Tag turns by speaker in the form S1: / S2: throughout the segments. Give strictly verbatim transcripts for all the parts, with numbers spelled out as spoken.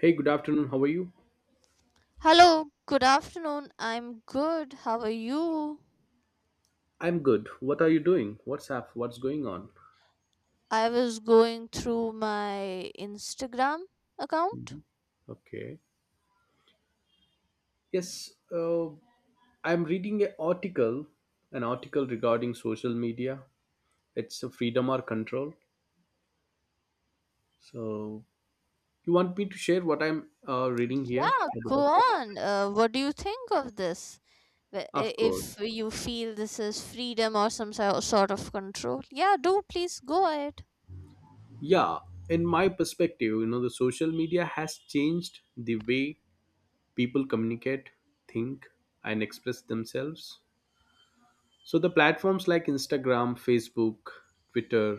S1: Hey, good afternoon. How are you?
S2: Hello, good afternoon. I'm good. How are you?
S1: I'm good. What are you doing? What's up? What's going on?
S2: I was going through my Instagram account.
S1: Mhm. Okay. Yes, uh, I'm reading an article, an article regarding social media. It's a freedom or control. So, you want me to share what I'm uh, reading here?
S2: Yeah,
S1: A bit
S2: go
S1: of thing.
S2: on. Uh, what do you think of this? Wh- i-
S1: Of course.
S2: If you feel this is freedom or some so- sort of control, yeah, do please go ahead.
S1: Yeah, in my perspective, you know, the social media has changed the way people communicate, think, and express themselves. So the platforms like Instagram, Facebook, Twitter,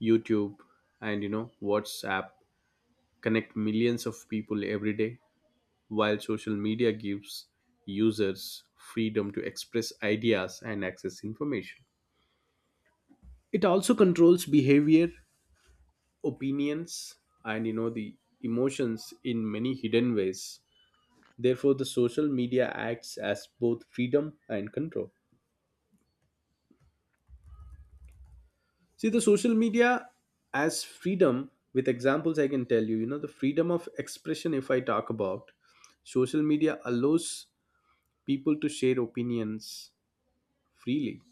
S1: YouTube, and you know WhatsApp connect millions of people every day, while social media gives users freedom to express ideas and access information. It also controls behavior, opinions, and you know the emotions in many hidden ways. Therefore, the social media acts as both freedom and control. See, the social media as freedom, with examples, I can tell you, you know, the freedom of expression, if I talk about, social media allows people to share opinions freely.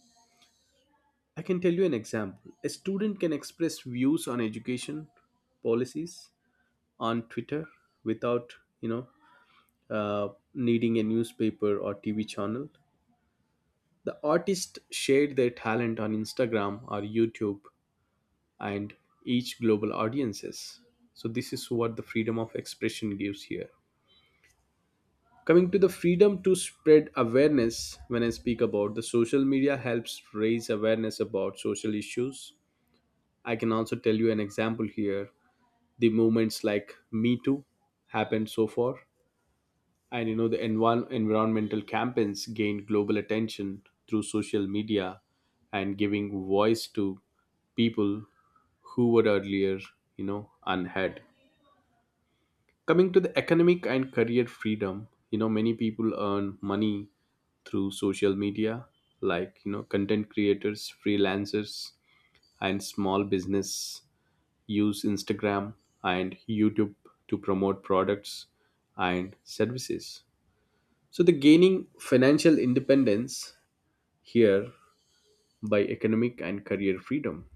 S1: I can tell you an example. A student can express views on education policies on Twitter without, you know, uh, needing a newspaper or T V channel. The artist shared their talent on Instagram or YouTube and each global audiences. So this is what the freedom of expression gives here. Coming to the freedom to spread awareness, when I speak about the social media helps raise awareness about social issues. I can also tell you an example here. The movements like Me Too happened so far, and you know the envi- environmental campaigns gained global attention through social media and giving voice to people who were earlier, you know, unheard. Coming to the economic and career freedom, you know, many people earn money through social media, like, you know, content creators, freelancers, and small business use Instagram and YouTube to promote products and services. So, the gaining financial independence here by economic and career freedom.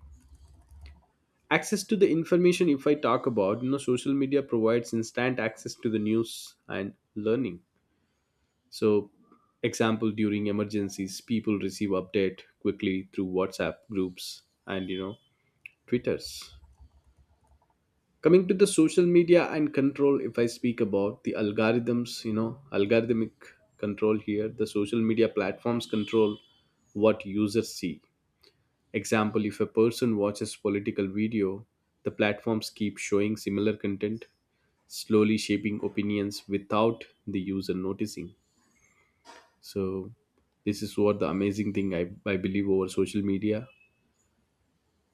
S1: Access to the information, if I talk about, you know, social media provides instant access to the news and learning. So, example during emergencies, people receive update quickly through WhatsApp groups and you know Twitters. Coming to the social media and control, if I speak about the algorithms, you know algorithmic control here, the social media platforms control what users see. Example, if a person watches political video, the platforms keep showing similar content, slowly shaping opinions without the user noticing. So this is what the amazing thing i, I believe over social media.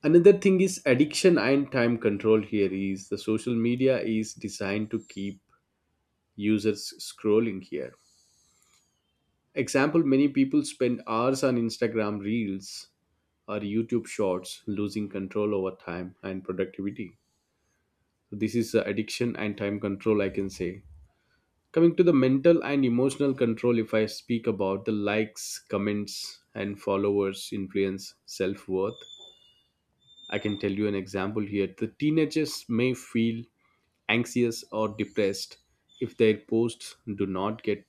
S1: Another thing is addiction and time control. Here is the social media is designed to keep users scrolling here. Example, many people spend hours on Instagram reels or YouTube shorts, losing control over time and productivity. So this is uh, addiction and time control, I can say. Coming to the mental and emotional control, if I speak about the likes, comments and followers influence self-worth. I can tell you an example here. The teenagers may feel anxious or depressed if their posts do not get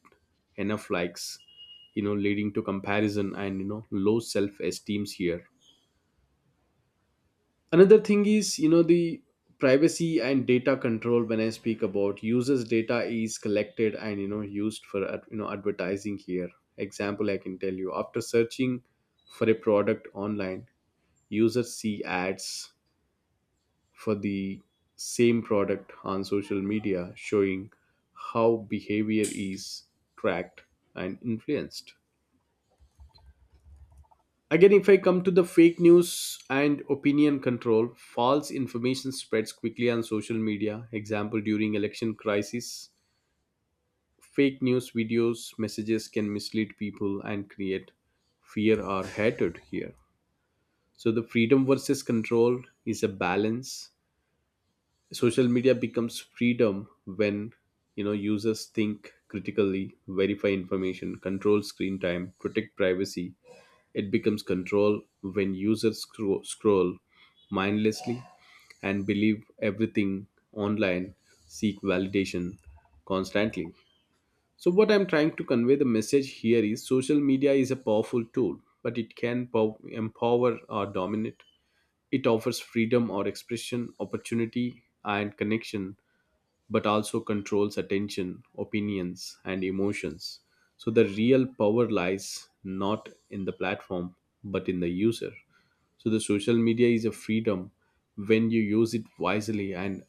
S1: enough likes, you know leading to comparison and you know low self-esteems here. Another thing is you know the privacy and data control. When I speak about users, data is collected and you know used for ad- you know advertising here. Example, I can tell you, after searching for a product online, users see ads for the same product on social media, showing how behavior is tracked and influenced. Again, if I come to the fake news and opinion control, false information spreads quickly on social media. Example, during election crisis, fake news videos, messages can mislead people and create fear or hatred here. So the freedom versus control is a balance. Social media becomes freedom when you know users think critically, verify information, control screen time, protect privacy. It becomes control when users scro- scroll mindlessly and believe everything online, seek validation constantly. So, what I'm trying to convey the message here is social media is a powerful tool, but it can pow- empower or dominate. It offers freedom or expression, opportunity, and connection, but also controls attention, opinions, and emotions. So the real power lies not in the platform, but in the user. So the social media is a freedom when you use it wisely, and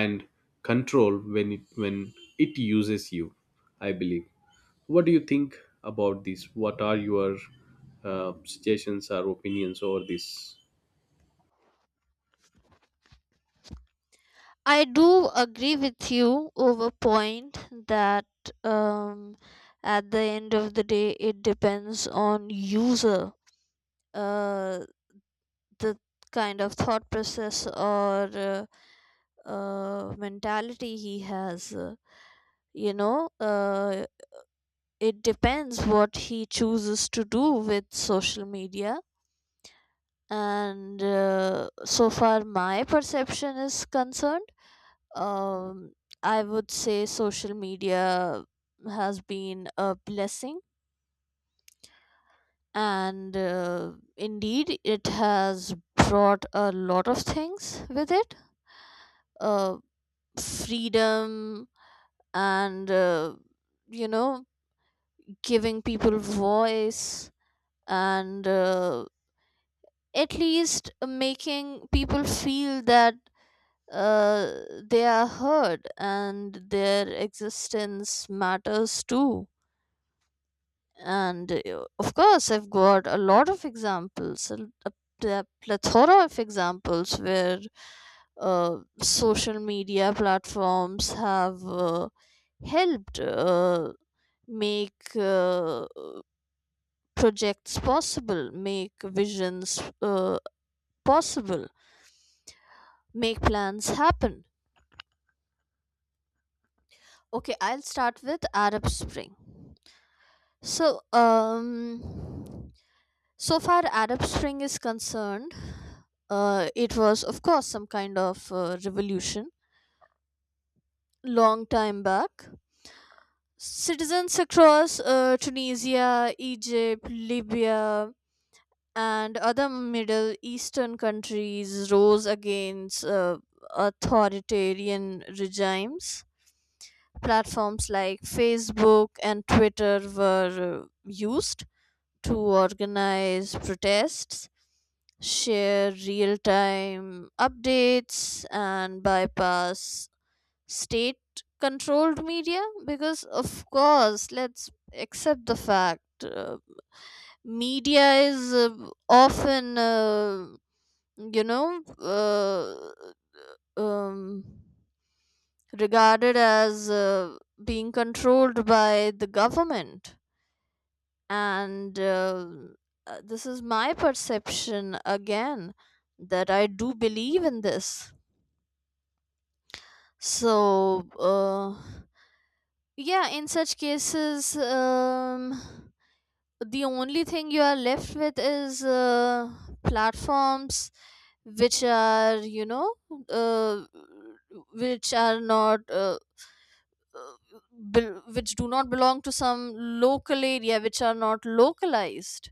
S1: and control when it when it uses you. I believe. What do you think about this? What are your uh, suggestions or opinions over this?
S2: I do agree with you over point that um, at the end of the day, it depends on user. Uh, the kind of thought process or uh, uh, mentality he has. uh, You know, uh, it depends what he chooses to do with social media. And uh, so far, my perception is concerned. Um, I would say social media has been a blessing, and uh, indeed, it has brought a lot of things with it. Uh, Freedom and uh, you know, giving people voice, and uh, at least making people feel that uh, they are heard and their existence matters too, and uh, of course i've got a lot of examples, a, a pl- plethora of examples where uh, social media platforms have uh, helped uh, make uh, projects possible, make visions uh, possible, make plans happen. Okay, I'll start with Arab Spring. So, um, so far Arab Spring is concerned, uh, it was of course some kind of uh, revolution long time back. Citizens across uh, Tunisia, Egypt, Libya, and other Middle Eastern countries rose against uh, authoritarian regimes. Platforms like Facebook and Twitter were uh, used to organize protests, share real time updates, and bypass state controlled media because, of course, let's accept the fact uh, media is uh, often, uh, you know, uh, um, regarded as uh, being controlled by the government, and uh, uh, this is my perception again, that I do believe in this. So uh, yeah, in such cases um, the only thing you are left with is uh, platforms which are, you know, uh, which are not uh, uh, bel- which do not belong to some local area, which are not localized.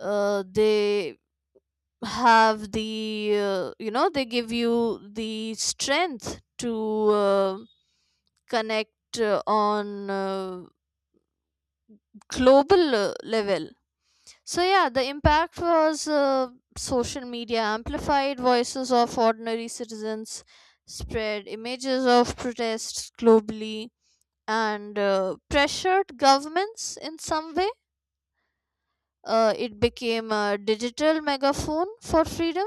S2: uh, They have the uh, you know, they give you the strength to uh, connect uh, on uh, global uh, level. So yeah, the impact was uh, social media amplified voices of ordinary citizens, spread images of protests globally, and uh, pressured governments in some way. Uh, it became a digital megaphone for freedom.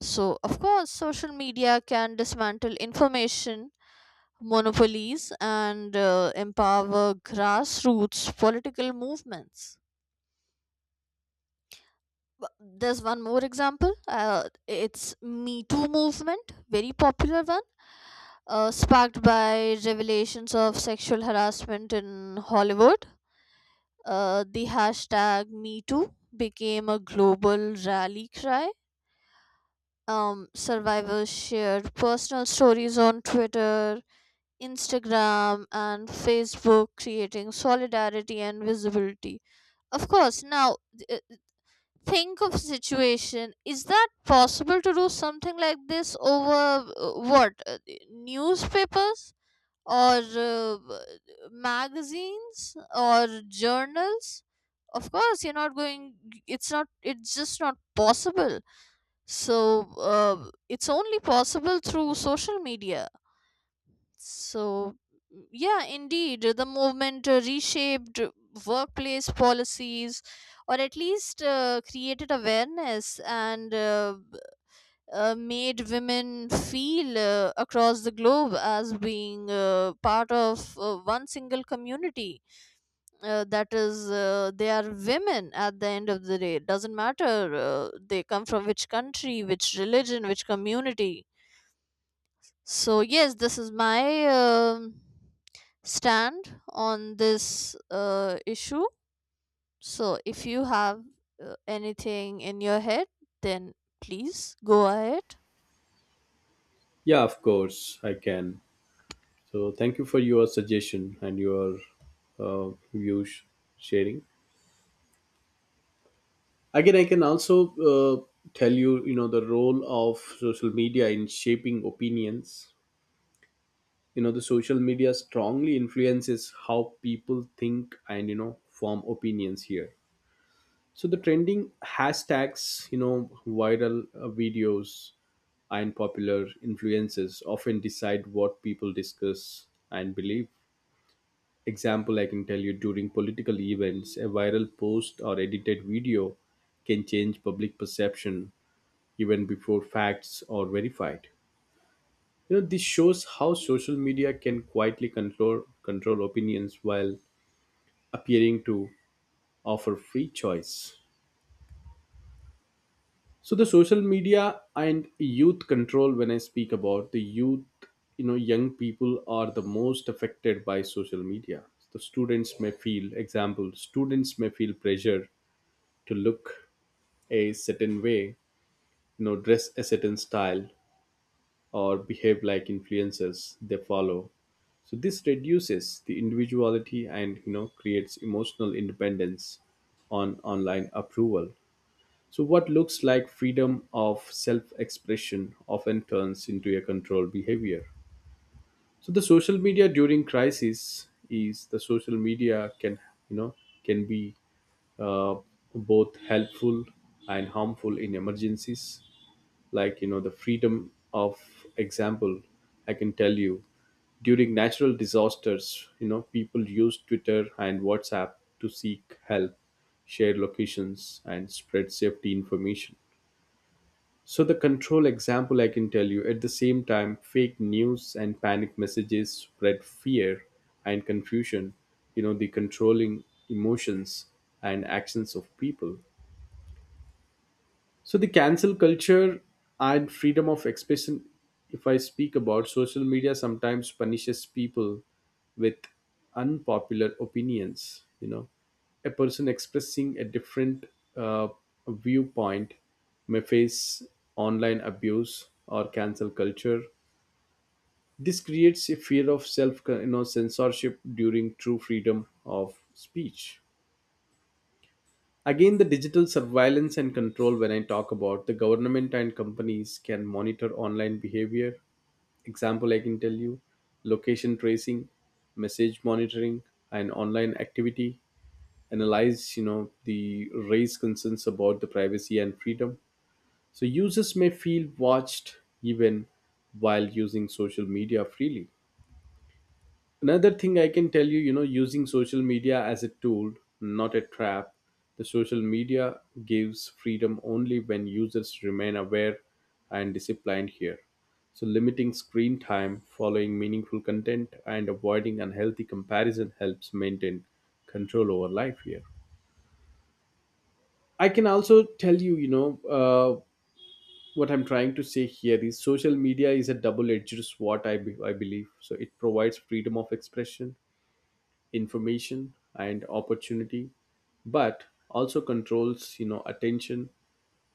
S2: So, of course, social media can dismantle information monopolies and uh, empower grassroots political movements. W- There's one more example. Uh, it's Me Too movement, very popular one, uh, sparked by revelations of sexual harassment in Hollywood. Uh, the hashtag Me Too became a global rally cry. Um, survivors shared personal stories on Twitter, Instagram and Facebook, creating solidarity and visibility. Of course, now uh, think of situation. Is that possible to do something like this over uh, what uh, newspapers or uh, magazines or journals? Of course, you're not going. It's not. It's just not possible. So uh, it's only possible through social media, so, mm, yeah, indeed, the movement uh, reshaped workplace policies, or at least uh, created awareness, and uh, b- uh, made women feel uh, across the globe as being uh, part of uh, one single community. Uh, that is, uh, they are women at the end of the day. It doesn't matter uh, they come from which country, which religion, which community. So yes, this is my um stand on this uh, issue. So if you have uh, anything in your head, then please go ahead.
S1: Yeah, of course I can. So thank you for your suggestion and your uh, views sharing. Again, I can also uh, tell you, you know, the role of social media in shaping opinions. You know, the social media strongly influences how people think and you know form opinions here. So the trending hashtags, you know, viral uh, videos and popular influences often decide what people discuss and believe. Example, I can tell you during political events a viral post or edited video can change public perception even before facts are verified. You know, this shows how social media can quietly control control opinions while appearing to offer free choice. So the social media and youth control, when I speak about the youth, you know, young people are the most affected by social media. The students may feel, example students may feel pressure to look a certain way, you know, dress a certain style, or behave like influencers they follow. So this reduces the individuality and you know creates emotional independence on online approval. So what looks like freedom of self-expression often turns into a controlled behavior. So the social media during crisis is the social media can, you know can be uh, both helpful and harmful in emergencies, like you know the freedom of. Example, I can tell you during natural disasters, you know people use Twitter and WhatsApp to seek help, share locations and spread safety information. So the control example, I can tell you, at the same time fake news and panic messages spread fear and confusion, you know the controlling emotions and actions of people. So the cancel culture and freedom of expression, if I speak about social media, sometimes punishes people with unpopular opinions. You know, a person expressing a different uh, viewpoint may face online abuse or cancel culture. This creates a fear of self, you know, censorship during true freedom of speech. Again, the digital surveillance and control, when I talk about the government and companies can monitor online behavior. Example, I can tell you, location tracing, message monitoring, and online activity. Analyze, you know, the raise concerns about the privacy and freedom. So users may feel watched even while using social media freely. Another thing I can tell you, you know, using social media as a tool, not a trap. The social media gives freedom only when users remain aware and disciplined here. So, limiting screen time, following meaningful content, and avoiding unhealthy comparison helps maintain control over life here. I can also tell you, you know, uh, what I'm trying to say here is social media is a double edged sword, I, be- I believe. So, it provides freedom of expression, information and opportunity, but also controls you know attention,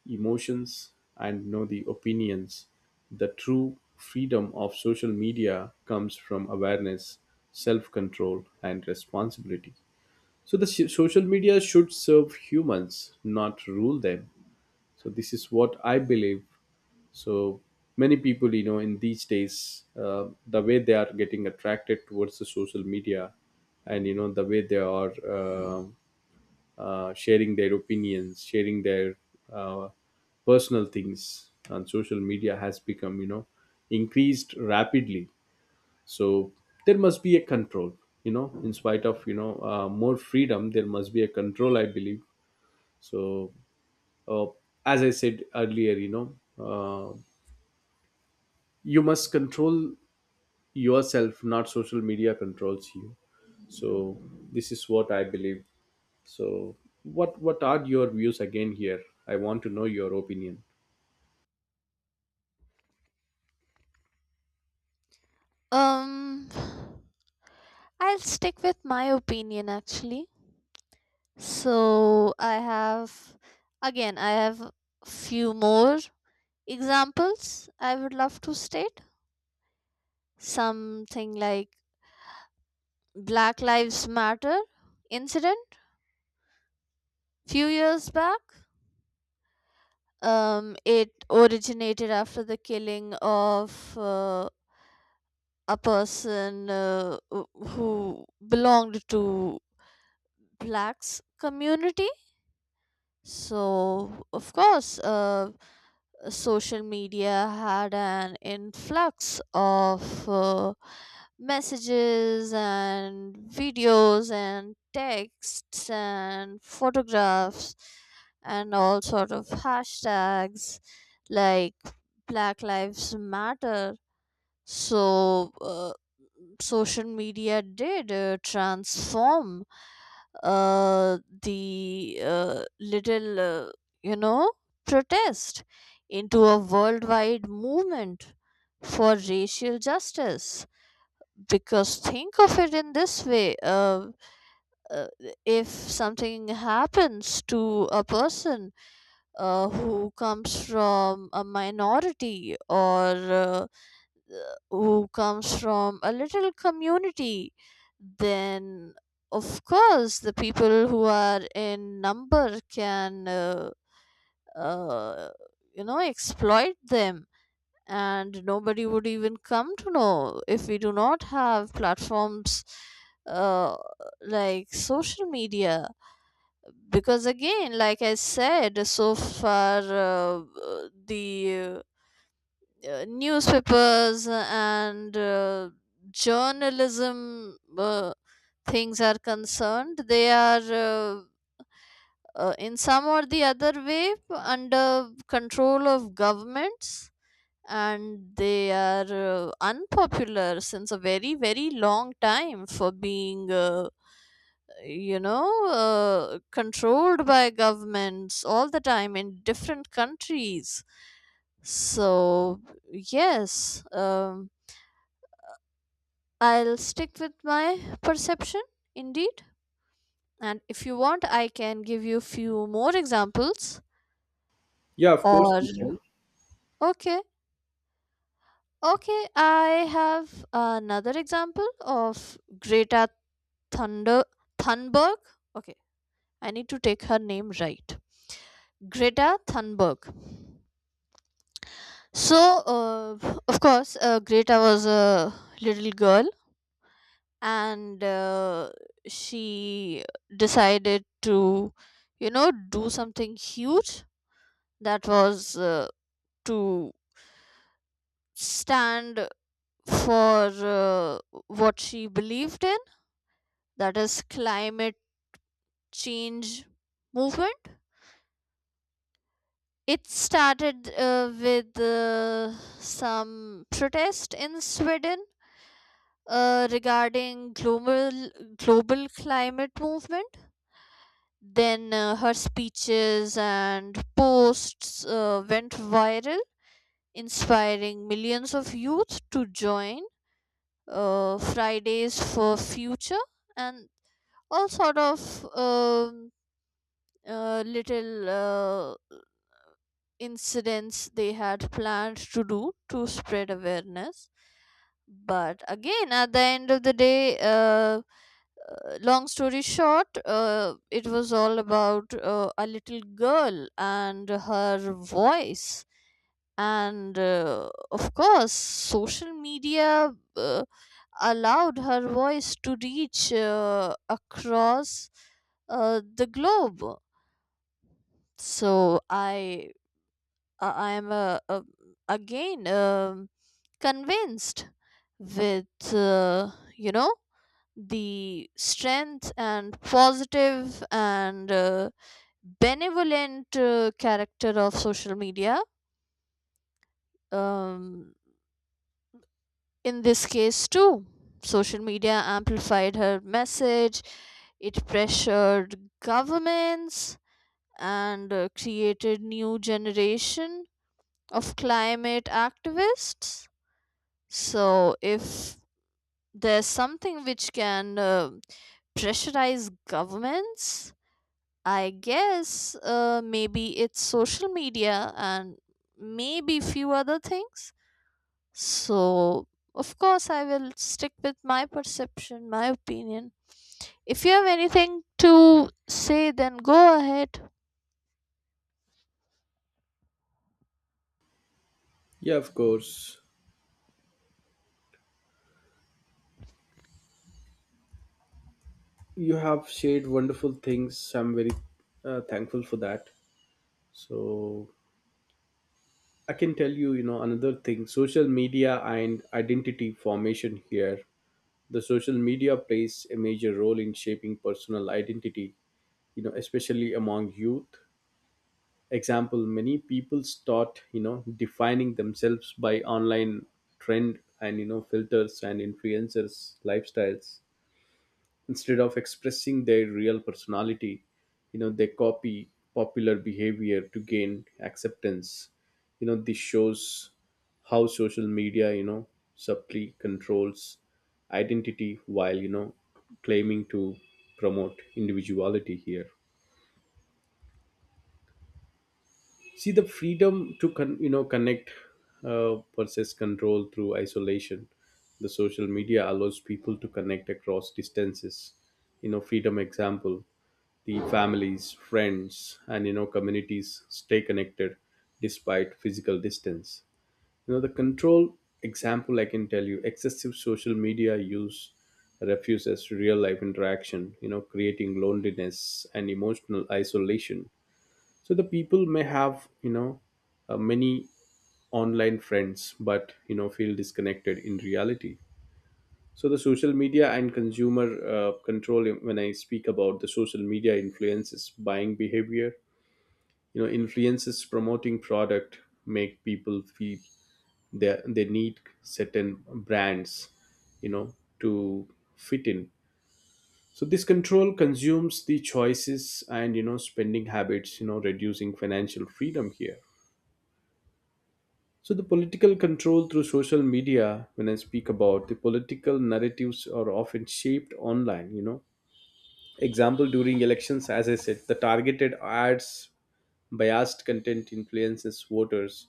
S1: emotions, and you know the opinions. The true freedom of social media comes from awareness, self control and responsibility. So the so- social media should serve humans not rule them. So this is what I believe. So many people, you know in these days, uh, the way they are getting attracted towards the social media, and you know the way they are uh, uh, sharing their opinions, sharing their uh, personal things on social media has become, you know increased rapidly. So there must be a control, you know in spite of you know uh, more freedom, there must be a control, I believe. So uh, as I said earlier, you know uh, you must control yourself, not social media controls you. So this is what I believe. So what what are your views again here? I want to know your opinion.
S2: Um, I'll stick with my opinion actually. So I have again I have few more examples I would love to state. Something like Black Lives Matter incident few years back. Um, it originated after the killing of uh, a person uh, wh- who belonged to blacks community. So, of course, uh, social media had an influx of uh, messages and videos and texts and photographs and all sort of hashtags like Black Lives Matter. So uh, social media did uh, transform uh, the uh, little uh, you know, protest into a worldwide movement for racial justice. Because think of it in this way, uh, uh, if something happens to a person uh, who comes from a minority, or uh, who comes from a little community, then of course the people who are in number can, uh, uh, you know, exploit them. And nobody would even come to know if we do not have platforms uh, like social media. Because again, like I said, so far uh, the uh, newspapers and uh, journalism uh, things are concerned, they are uh, uh, in some or the other way under control of governments, and they are uh, unpopular since a very very long time for being uh, you know, uh, controlled by governments all the time in different countries. So yes, um, I'll stick with my perception, indeed. And if you want, I can give you few more examples.
S1: Yeah, of course
S2: Or
S1: you can.
S2: Okay, okay, I have another example of Greta Thunder Thunberg. Okay, I need to take her name right. Greta Thunberg. So, uh, of course, uh, Greta was a little girl, and uh, she decided to, you know, do something huge, that was uh, to stand for uh, what she believed in, that is climate change movement. It started uh, with uh, some protest in Sweden, uh, regarding global global climate movement. Then uh, her speeches and posts uh, went viral, inspiring millions of youth to join uh, Fridays for Future, and all sort of um uh, little uh, incidents they had planned to do to spread awareness. But again, at the end of the day, uh, long story short, uh, it was all about uh, a little girl and her voice. And uh, of course, social media uh, allowed her voice to reach uh, across uh, the globe. So I, I I am uh, uh, again um convinced with uh, you know, the strength and positive and uh, benevolent uh, character of social media. um, in this case too, social media amplified her message, it pressured governments, and uh, created new generation of climate activists. So if there's something which can uh, pressurize governments, I guess uh, maybe it's social media and maybe few other things. So, of course, I will stick with my perception, my opinion. If you have anything to say, then go ahead.
S1: Yeah, of course, you have shared wonderful things. I'm very uh, thankful for that. So I can tell you, you know another thing, social media and identity formation here. The social media plays a major role in shaping personal identity, you know especially among youth. Example, many people start, you know defining themselves by online trend and you know filters and influencers lifestyles instead of expressing their real personality. You know, they copy popular behavior to gain acceptance. You know, this shows how social media, you know subtly controls identity while you know claiming to promote individuality here. See the freedom to con- you know connect uh, versus control through isolation. The social media allows people to connect across distances. You know, freedom example, the families, friends and you know communities stay connected despite physical distance. You know, the control example, I can tell you, excessive social media use refuses real life interaction, you know creating loneliness and emotional isolation. So the people may have, you know uh, many online friends but you know feel disconnected in reality. So the social media and consumer uh, control, when I speak about the social media influences buying behavior, you know influences promoting product, make people feel they, they need certain brands, you know to fit in. So this control consumes the choices and you know spending habits, you know reducing financial freedom here. So, the political control through social media, when I speak about the political narratives, are often shaped online. You know, example during elections, as I said, the targeted ads, biased content influences voters.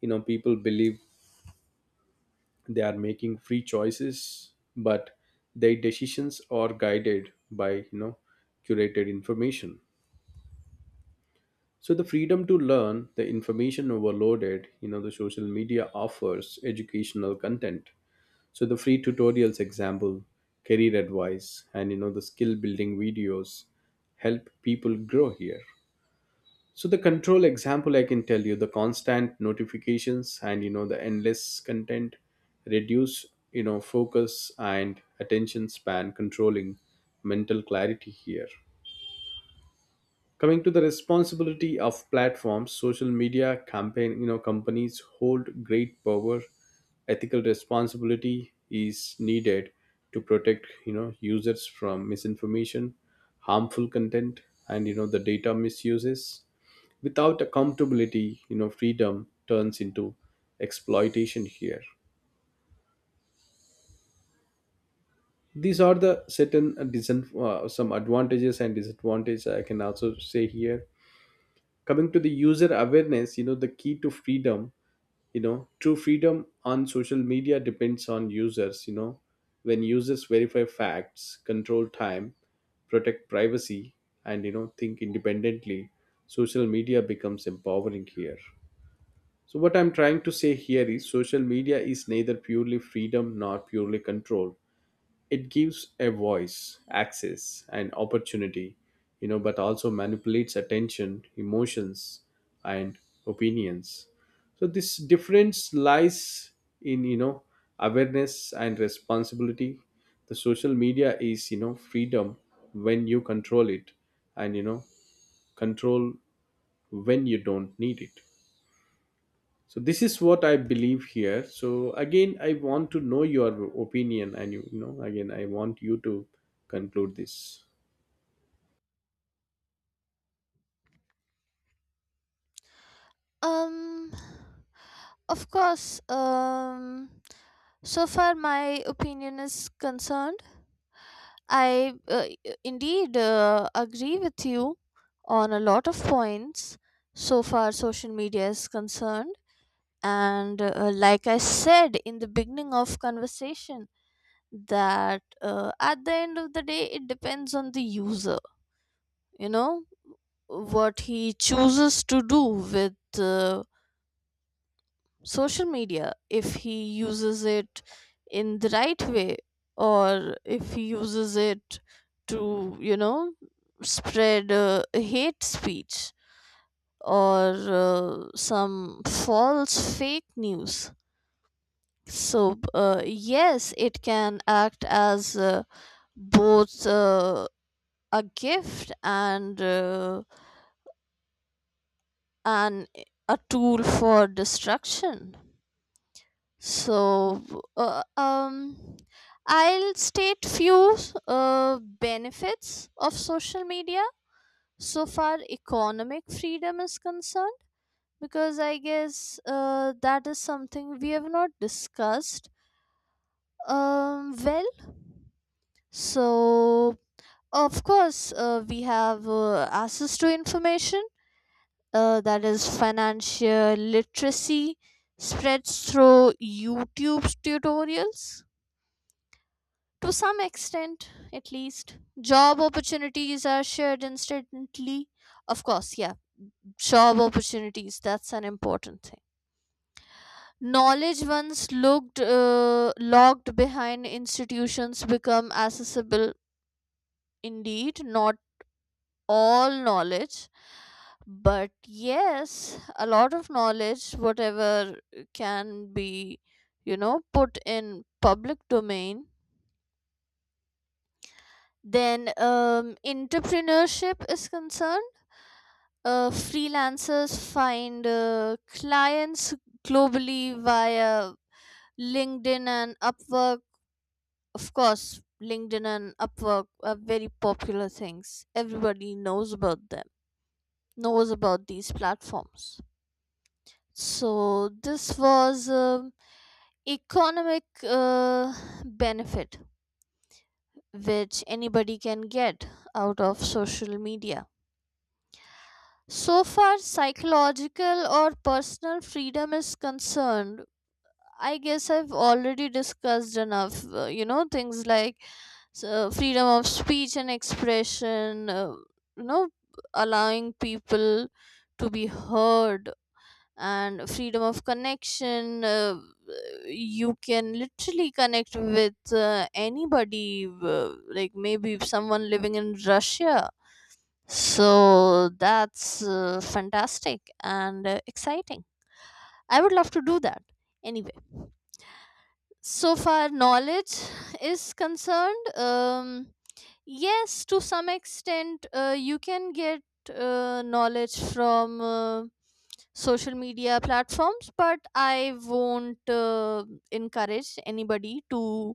S1: You know, people believe they are making free choices, but their decisions are guided by, you know, curated information. So the freedom to learn, the information overloaded, you know, the social media offers educational content. So the free tutorials example, career advice and you know the skill building videos help people grow here. So the control example, I can tell you, the constant notifications and you know the endless content reduce you know focus and attention span, controlling mental clarity here. Coming to the responsibility of platforms, social media campaign, you know companies hold great power. Ethical responsibility is needed to protect you know users from misinformation, harmful content, and you know the data misuses. Without accountability, you know freedom turns into exploitation here. These are the certain uh, disan- uh, some advantages and disadvantages I can also say here. Coming to the user awareness, you know the key to freedom, you know true freedom on social media depends on users. You know, when users verify facts, control time, protect privacy, and you know think independently, social media becomes empowering here. So what I'm trying to say here is social media is neither purely freedom nor purely control. It gives a voice, access and opportunity, you know but also manipulates attention, emotions, and opinions. So this difference lies in, you know awareness and responsibility. The social media is, you know freedom when you control it, and, you know control when you don't need it. So this is what I believe here. So again, I want to know your opinion, and you, you know, again, I want you to conclude this.
S2: Um, of course. Um, so far my opinion is concerned, I uh, indeed uh, agree with you on a lot of points so far social media is concerned, and uh, like I said in the beginning of conversation, that uh, at the end of the day it depends on the user, you know what he chooses to do with uh, social media, if he uses it in the right way, or if he uses it to, you know, spread uh, hate speech or uh, some false fake news. So uh, yes, it can act as uh, both uh, a gift and uh, an a tool for destruction. So, uh, um, I'll state few uh, benefits of social media so far economic freedom is concerned, because I guess uh, that is something we have not discussed um, well. So, of course, uh, we have uh, access to information, uh, that is financial literacy spreads through YouTube tutorials. To some extent, at least, job opportunities are shared instantly. Of course, yeah, job opportunities, that's an important thing. Knowledge once looked uh, locked behind institutions become accessible, indeed, not all knowledge, but yes, a lot of knowledge, whatever can be, you know, put in public domain. Then, um, entrepreneurship is concerned. Uh, freelancers find uh, clients globally via LinkedIn and Upwork. Of course, LinkedIn and Upwork are very popular things. Everybody knows about them, knows about these platforms. So, this was um economic uh, benefit which anybody can get out of social media. So far, psychological or personal freedom is concerned. I guess I've already discussed enough, uh, you know, things like so freedom of speech and expression, uh, you know, allowing people to be heard, and freedom of connection. Uh, you can literally connect with uh, anybody, uh, like maybe someone living in Russia, so that's uh, fantastic and uh, exciting. I would love to do that. Anyway, so far knowledge is concerned, um, yes, to some extent, uh, you can get uh, knowledge from uh, social media platforms, but I won't uh, encourage anybody to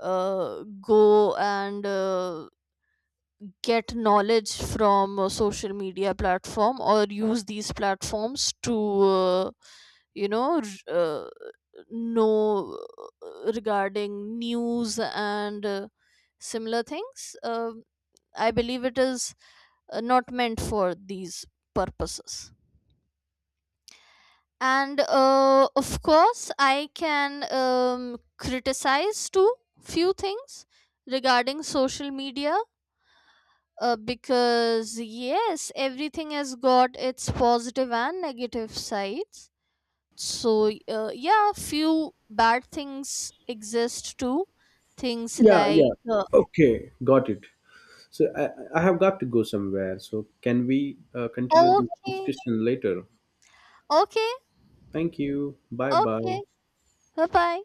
S2: uh, go and uh, get knowledge from a social media platform, or use these platforms to uh, you know, r- uh, know uh, regarding news and uh, similar things. uh, I believe it is uh, not meant for these purposes, and uh, of course I can um, criticize too, few things regarding social media. Uh, because yes, everything has got its positive and negative sides. So uh, yeah, few bad things exist too. Things
S1: Yeah,
S2: like
S1: yeah.
S2: uh,
S1: Okay, got it. So I, I have got to go somewhere. So can we uh, continue this
S2: okay,
S1: discussion later?
S2: okay,
S1: Thank you. Bye bye.
S2: okay, bye bye.